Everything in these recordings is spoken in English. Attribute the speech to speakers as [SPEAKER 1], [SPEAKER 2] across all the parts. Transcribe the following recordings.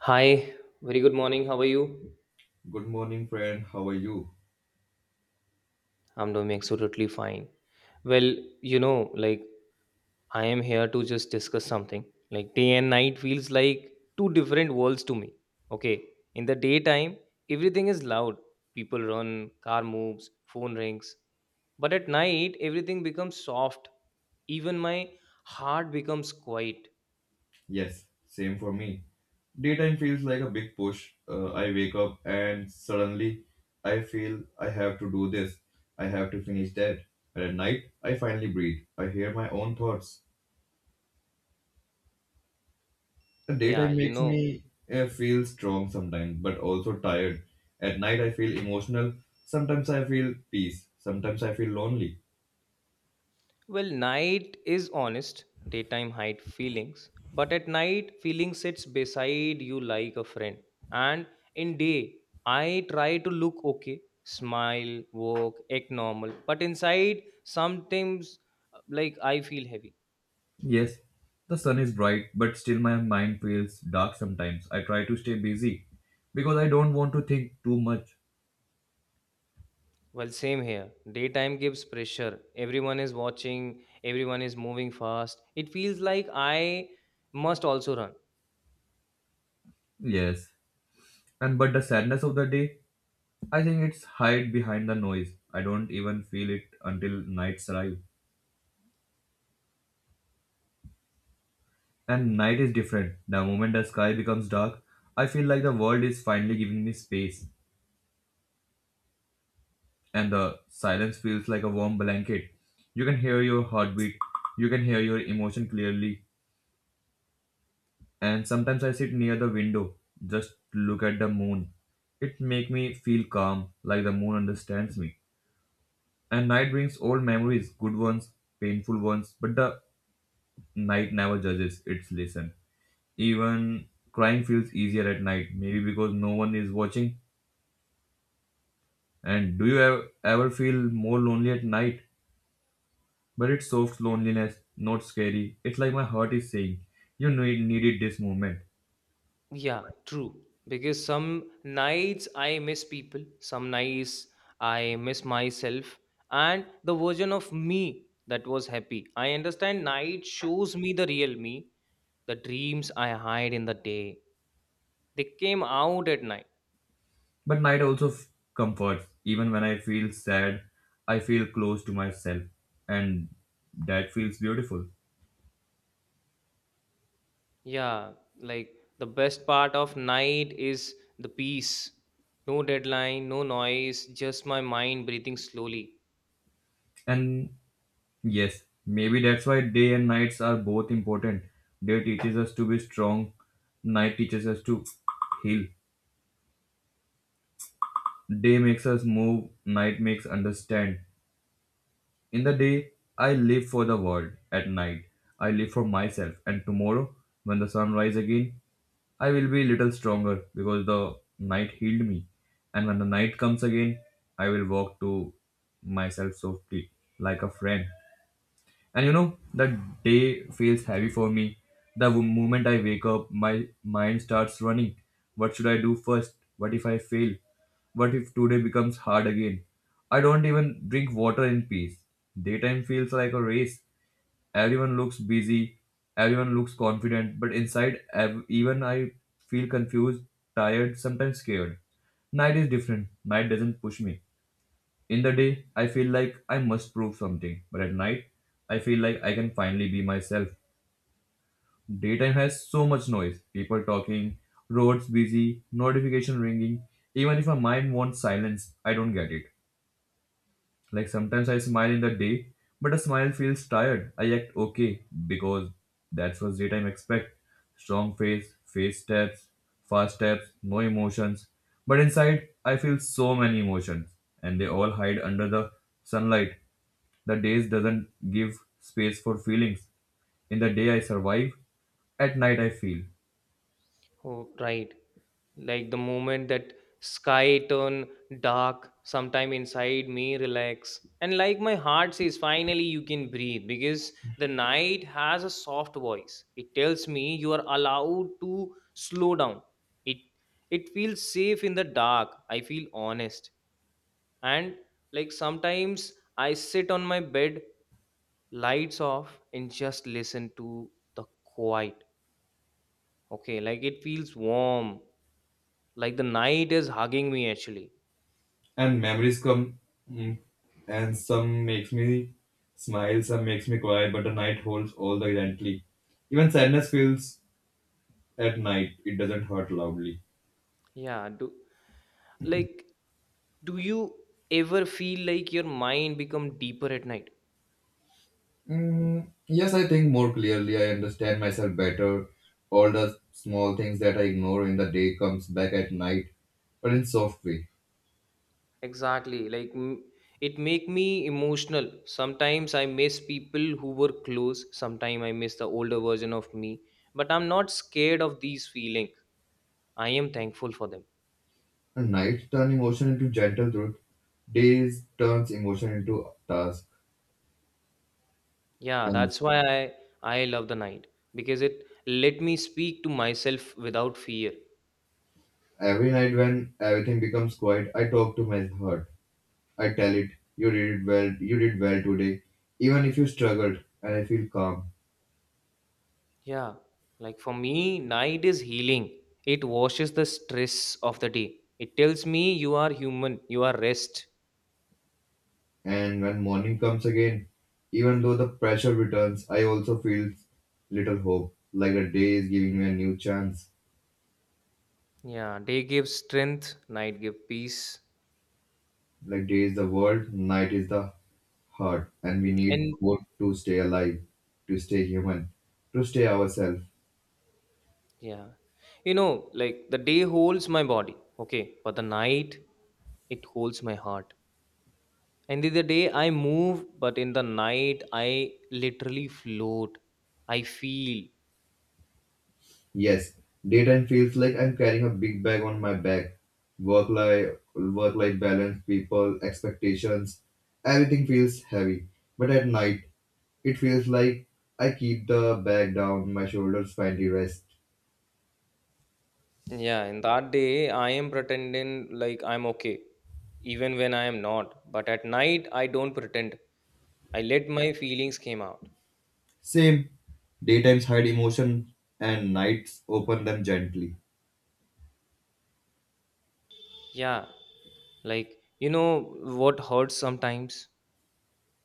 [SPEAKER 1] Hi, very good morning. How are you?
[SPEAKER 2] Good morning, friend. How are you?
[SPEAKER 1] I'm doing absolutely fine. Well, you know, like I am here to just discuss something. Like day and night feels like two different worlds to me. Okay, in the daytime, everything is loud. People run, car moves, phone rings. But at night, everything becomes soft. Even my heart becomes quiet.
[SPEAKER 2] Yes, same for me. Daytime feels like a big push. I wake up and suddenly I feel I have to do this. I have to finish that. And at night, I finally breathe. I hear my own thoughts. The
[SPEAKER 1] Yeah,
[SPEAKER 2] daytime
[SPEAKER 1] you
[SPEAKER 2] makes
[SPEAKER 1] know.
[SPEAKER 2] me feel strong sometimes, but also tired. At night, I feel emotional. Sometimes I feel peace. Sometimes I feel lonely.
[SPEAKER 1] Well, night is honest, daytime hide feelings, but at night feeling sits beside you like a friend. And in day, I try to look okay, smile, work, act normal, but inside sometimes like I feel heavy.
[SPEAKER 2] Yes, the sun is bright, but still my mind feels dark sometimes. I try to stay busy because I don't want to think too much.
[SPEAKER 1] Well, same here. Daytime gives pressure. Everyone is watching, everyone is moving fast. It feels like I must also run.
[SPEAKER 2] Yes, and but the sadness of the day, I think it's hide behind the noise. I don't even feel it until nights arrive. And night is different. The moment the sky becomes dark, I feel like the world is finally giving me space, and the silence feels like a warm blanket. You can hear your heartbeat, you can hear your emotion clearly, and sometimes I sit near the window, just look at the moon. It make me feel calm, like the moon understands me. And night brings old memories, good ones, painful ones, but the night never judges its lesson. Even crying feels easier at night, maybe because no one is watching. And do you ever feel more lonely at night? But it's soft loneliness, not scary. It's like my heart is saying, you needed this moment.
[SPEAKER 1] Yeah, true. Because some nights I miss people, some nights I miss myself, and the version of me that was happy. I understand night shows me the real me, the dreams I hide in the day. They came out at night.
[SPEAKER 2] But might also comfort. Even when I feel sad, I feel close to myself, and that feels beautiful.
[SPEAKER 1] Yeah, like the best part of night is the peace. No deadline, no noise, just my mind breathing slowly.
[SPEAKER 2] And yes, maybe that's why day and nights are both important. Day teaches us to be strong, night teaches us to heal. Day makes us move, night makes understand. In the day, I live for the world. At night, I live for myself. And tomorrow, when the sun rises again, I will be little stronger because the night healed me. And when the night comes again, I will walk to myself softly like a friend, and you know, the day feels heavy for me. The moment I wake up, my mind starts running. What should I do first? What if I fail? What if today becomes hard again? I don't even drink water in peace. Daytime feels like a race. Everyone looks busy, everyone looks confident, but inside, even I feel confused, tired, sometimes scared. Night is different. Night doesn't push me. In the day, I feel like I must prove something, but at night, I feel like I can finally be myself. Daytime has so much noise, people talking, roads busy, notification ringing. Even if my mind wants silence, I don't get it. Like sometimes I smile in the day, but a smile feels tired. I act okay because that's what daytime expect. Strong face, face steps, fast steps, no emotions. But inside, I feel so many emotions, and they all hide under the sunlight. The days doesn't give space for feelings. In the day I survive, at night I feel.
[SPEAKER 1] Oh, right. Like the moment that sky turn dark sometime inside me relax, and like my heart says finally you can breathe, because the night has a soft voice. It tells me you are allowed to slow down. It it feels safe in the dark. I feel honest. And like sometimes I sit on my bed, lights off, and just listen to the quiet. Okay, like it feels warm, like the night is hugging me actually.
[SPEAKER 2] And memories come, mm, and some makes me smile, some makes me cry, but the night holds all the gently. Even sadness feels at night, it doesn't hurt loudly.
[SPEAKER 1] Yeah, like do you ever feel like your mind become deeper at night?
[SPEAKER 2] mm, yes, I think more clearly, I understand myself better. All the small things that I ignore in the day comes back at night, but in soft way.
[SPEAKER 1] Exactly, like it make me emotional. Sometimes I miss people who were close, sometimes I miss the older version of me, but I'm not scared of these feelings. I am thankful for them.
[SPEAKER 2] At night, turn emotion into gentle truth. Days turns emotion into task.
[SPEAKER 1] Yeah,
[SPEAKER 2] And
[SPEAKER 1] that's why I love the night, because it let me speak to myself without fear.
[SPEAKER 2] every night when everything becomes quiet, I talk to my heart. I tell it, you did it well, you did well today. Even if you struggled, and I feel calm.
[SPEAKER 1] Yeah, like for me, night is healing. It washes the stress of the day. It tells me you are human, you are rest.
[SPEAKER 2] And when morning comes again, even though the pressure returns, I also feel little hope, like the day is giving me a new chance.
[SPEAKER 1] Yeah, day gives strength, night gives peace.
[SPEAKER 2] Like day is the world, night is the heart, and we need
[SPEAKER 1] And
[SPEAKER 2] both to stay alive, to stay human, to stay ourselves.
[SPEAKER 1] yeah, you know, like the day holds my body, okay, but the night, it holds my heart. And in the day, I move, but in the night, I literally float. I feel.
[SPEAKER 2] Yes, daytime feels like I'm carrying a big bag on my back. Work life balance, people, expectations, everything feels heavy. But at night, it feels like I keep the bag down, my shoulders finally rest.
[SPEAKER 1] Yeah, in that day, I am pretending like I'm okay, even when I am not. But at night, I don't pretend. I let my feelings came out.
[SPEAKER 2] Same, daytimes hide emotion and nights open them gently.
[SPEAKER 1] Yeah, like you know what hurts sometimes?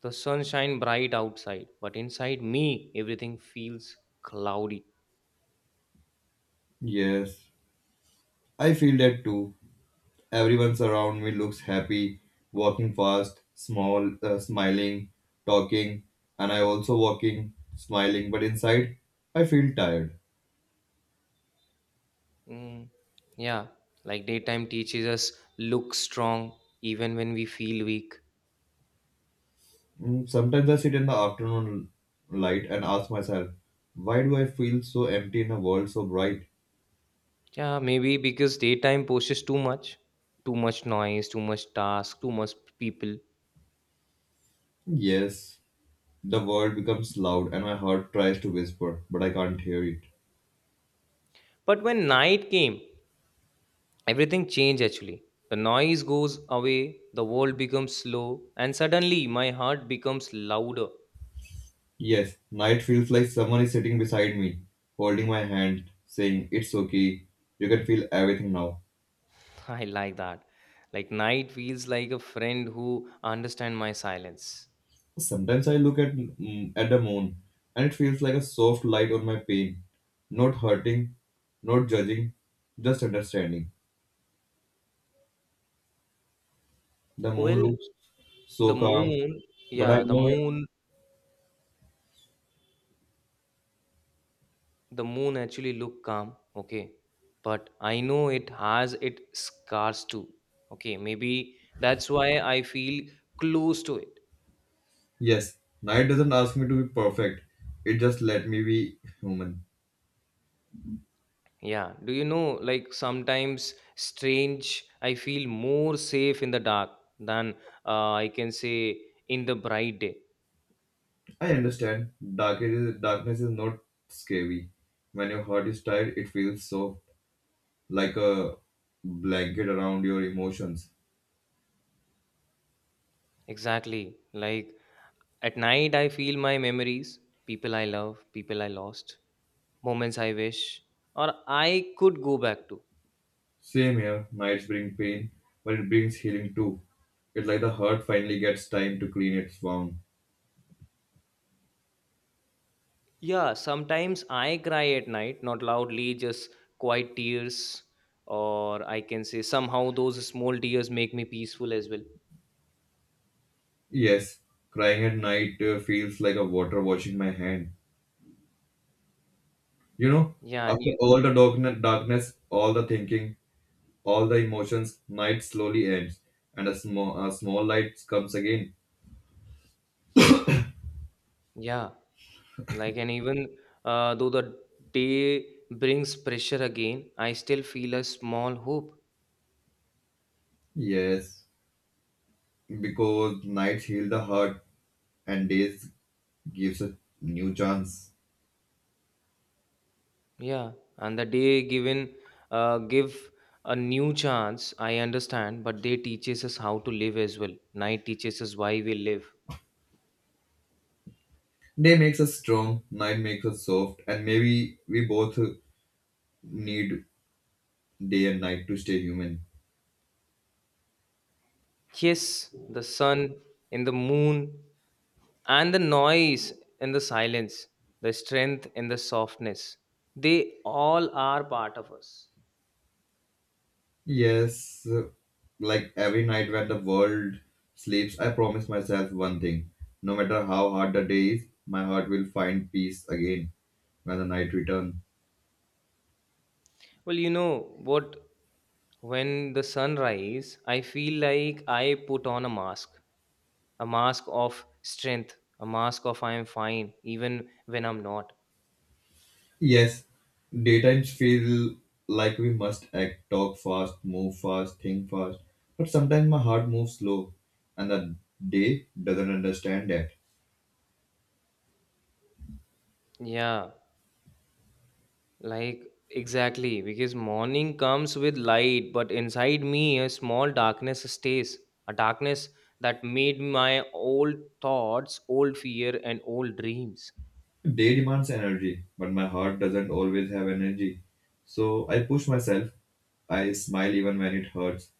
[SPEAKER 1] The sun shine bright outside, but inside me, everything feels cloudy.
[SPEAKER 2] Yes, I feel that too. Everyone around me looks happy, walking fast, small, smiling, talking, and I also walking, smiling. But inside, I feel tired.
[SPEAKER 1] Mm, yeah, like daytime teaches us look strong even when we feel weak.
[SPEAKER 2] Sometimes I sit in the afternoon light and ask myself, why do I feel so empty in a world so bright?
[SPEAKER 1] Yeah, maybe because daytime poses too much noise, too much task, too much people.
[SPEAKER 2] Yes, the world becomes loud, and my heart tries to whisper, but I can't hear it.
[SPEAKER 1] But when night came, everything changed actually. The noise goes away, the world becomes slow, and suddenly my heart becomes louder.
[SPEAKER 2] Yes, night feels like someone is sitting beside me, holding my hand, saying, it's okay, you can feel everything now.
[SPEAKER 1] I like that. Like night feels like a friend who understand my silence.
[SPEAKER 2] Sometimes I look at at the moon, and it feels like a soft light on my pain, not hurting, not judging, just understanding. The moon
[SPEAKER 1] Well,
[SPEAKER 2] looks
[SPEAKER 1] the
[SPEAKER 2] so calm,
[SPEAKER 1] moon,
[SPEAKER 2] but I
[SPEAKER 1] yeah, the
[SPEAKER 2] know
[SPEAKER 1] moon, the moon actually look calm, okay, but I know it has its scars too. Okay, maybe that's why I feel close to it.
[SPEAKER 2] yes, night doesn't ask me to be perfect. It just let me be human.
[SPEAKER 1] Yeah, do you know, like sometimes strange, I feel more safe in the dark than I can say in the bright day.
[SPEAKER 2] I understand. Darkness is not scary. When your heart is tired, it feels so like a blanket around your emotions.
[SPEAKER 1] Exactly, like at night I feel my memories, people I love, people I lost, moments I wish or I could go back to.
[SPEAKER 2] Same here, nights bring pain, but it brings healing too. It's like the heart finally gets time to clean its wound.
[SPEAKER 1] Yeah, sometimes I cry at night, not loudly, just quiet tears, or I can say somehow those small tears make me peaceful as well.
[SPEAKER 2] Yes, crying at night feels like a water washing my hand. You know,
[SPEAKER 1] Yeah, and
[SPEAKER 2] after
[SPEAKER 1] you,
[SPEAKER 2] all the darkness, all the thinking, all the emotions, night slowly ends, and a small light comes again.
[SPEAKER 1] yeah, like, and even though the day brings pressure again, I still feel a small hope.
[SPEAKER 2] Yes, because nights heal the heart, and days gives a new chance.
[SPEAKER 1] Yeah, and the day given, give a new chance, I understand, but day teaches us how to live as well. Night teaches us why we live.
[SPEAKER 2] Day makes us strong, night makes us soft, and maybe we both need day and night to stay human.
[SPEAKER 1] Yes, the sun and the moon and the noise and the silence, the strength and the softness, they all are part of us.
[SPEAKER 2] Yes, like every night when the world sleeps, I promise myself one thing. No matter how hard the day is, my heart will find peace again when the night returns.
[SPEAKER 1] Well, you know what, when the sun rises I feel like I put on a mask, a mask of strength, a mask of I am fine even when I'm not.
[SPEAKER 2] Yes, daytimes feel like we must act, talk fast, move fast, think fast. But sometimes my heart moves slow and the day doesn't understand that.
[SPEAKER 1] Yeah, like, exactly, because morning comes with light, but inside me, a small darkness stays. A darkness that made my old thoughts, old fear, and old dreams.
[SPEAKER 2] Day demands energy, but my heart doesn't always have energy. So I push myself. I smile even when it hurts.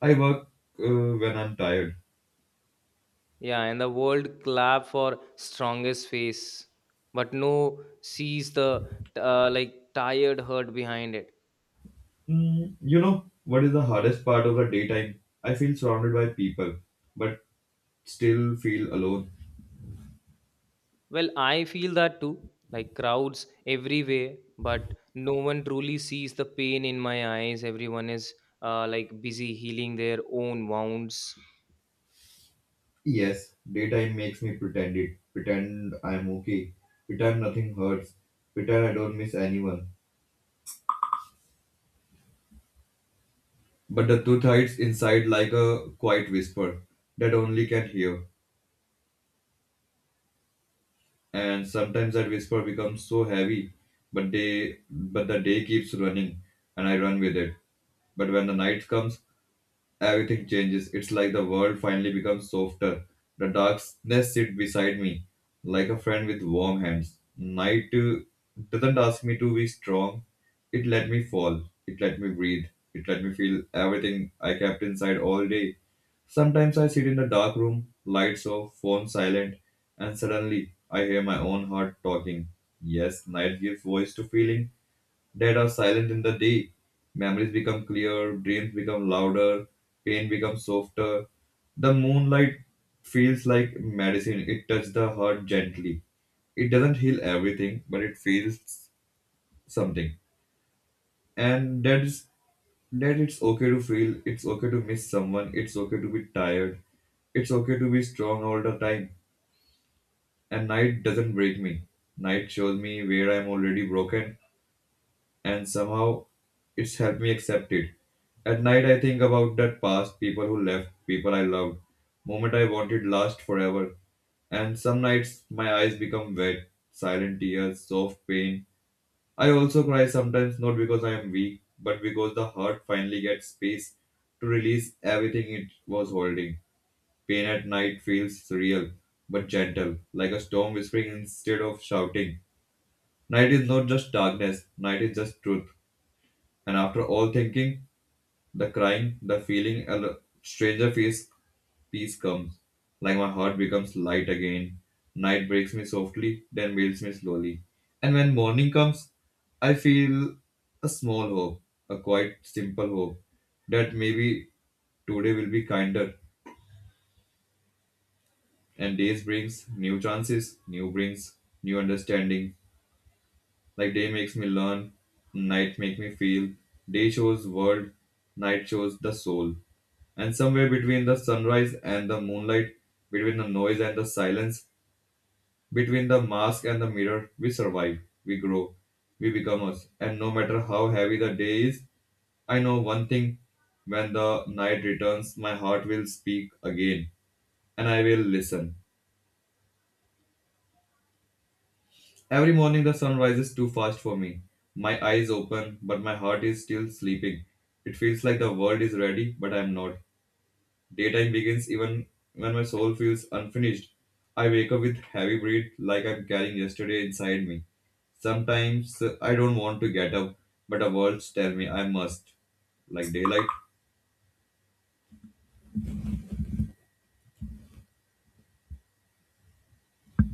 [SPEAKER 2] I work when I'm tired.
[SPEAKER 1] Yeah, and the world clap for strongest face, but no sees the like tired hurt behind it.
[SPEAKER 2] You know, what is the hardest part of a daytime? I feel surrounded by people, but still feel alone.
[SPEAKER 1] Well, I feel that too, like crowds everywhere, but no one truly sees the pain in my eyes. Everyone is like busy healing their own wounds.
[SPEAKER 2] Yes, daytime makes me pretend it. Pretend I'm okay. Pretend nothing hurts. Pretend I don't miss anyone. But the truth hides inside like a quiet whisper that only can hear. And sometimes that whisper becomes so heavy, but the day keeps running and I run with it. But when the night comes, everything changes. It's like the world finally becomes softer. The darkness sits beside me, like a friend with warm hands. Night doesn't ask me to be strong. It let me fall. It let me breathe. It let me feel everything I kept inside all day. Sometimes I sit in a dark room, lights off, phone silent, and suddenly I hear my own heart talking. Yes, night gives voice to feeling. Dead are silent in the day. Memories become clearer, dreams become louder, pain becomes softer. The moonlight feels like medicine, it touches the heart gently. It doesn't heal everything, but it feels something. And that is that it's okay to feel, it's okay to miss someone, it's okay to be tired, it's okay to be strong all the time. And night doesn't break me. Night shows me where I'm already broken, and somehow it's helped me accept it. At night, I think about that past, people who left, people I loved, moment I wanted last forever. And some nights, my eyes become wet, silent tears, soft pain. I also cry sometimes, not because I am weak, but because the heart finally gets space to release everything it was holding. Pain at night feels real, but gentle, like a storm whispering instead of shouting. Night is not just darkness, night is just truth. And after all thinking, the crying, the feeling, stranger peace comes. Like my heart becomes light again. Night breaks me softly, then wails me slowly. And when morning comes, I feel a small hope, a quite simple hope, that maybe today will be kinder. And days brings new chances, new brings new understanding. Like day makes me learn, night make me feel. Day shows world, night shows the soul. And somewhere between the sunrise and the moonlight, between the noise and the silence, between the mask and the mirror, we survive, we grow, we become us. And no matter how heavy the day is, I know one thing, when the night returns, my heart will speak again, and I will listen. Every morning, the sun rises too fast for me. My eyes open, but my heart is still sleeping. It feels like the world is ready, but I'm not. Daytime begins even when my soul feels unfinished. I wake up with heavy breath like I'm carrying yesterday inside me. Sometimes I don't want to get up, but the words tell me I must. Like daylight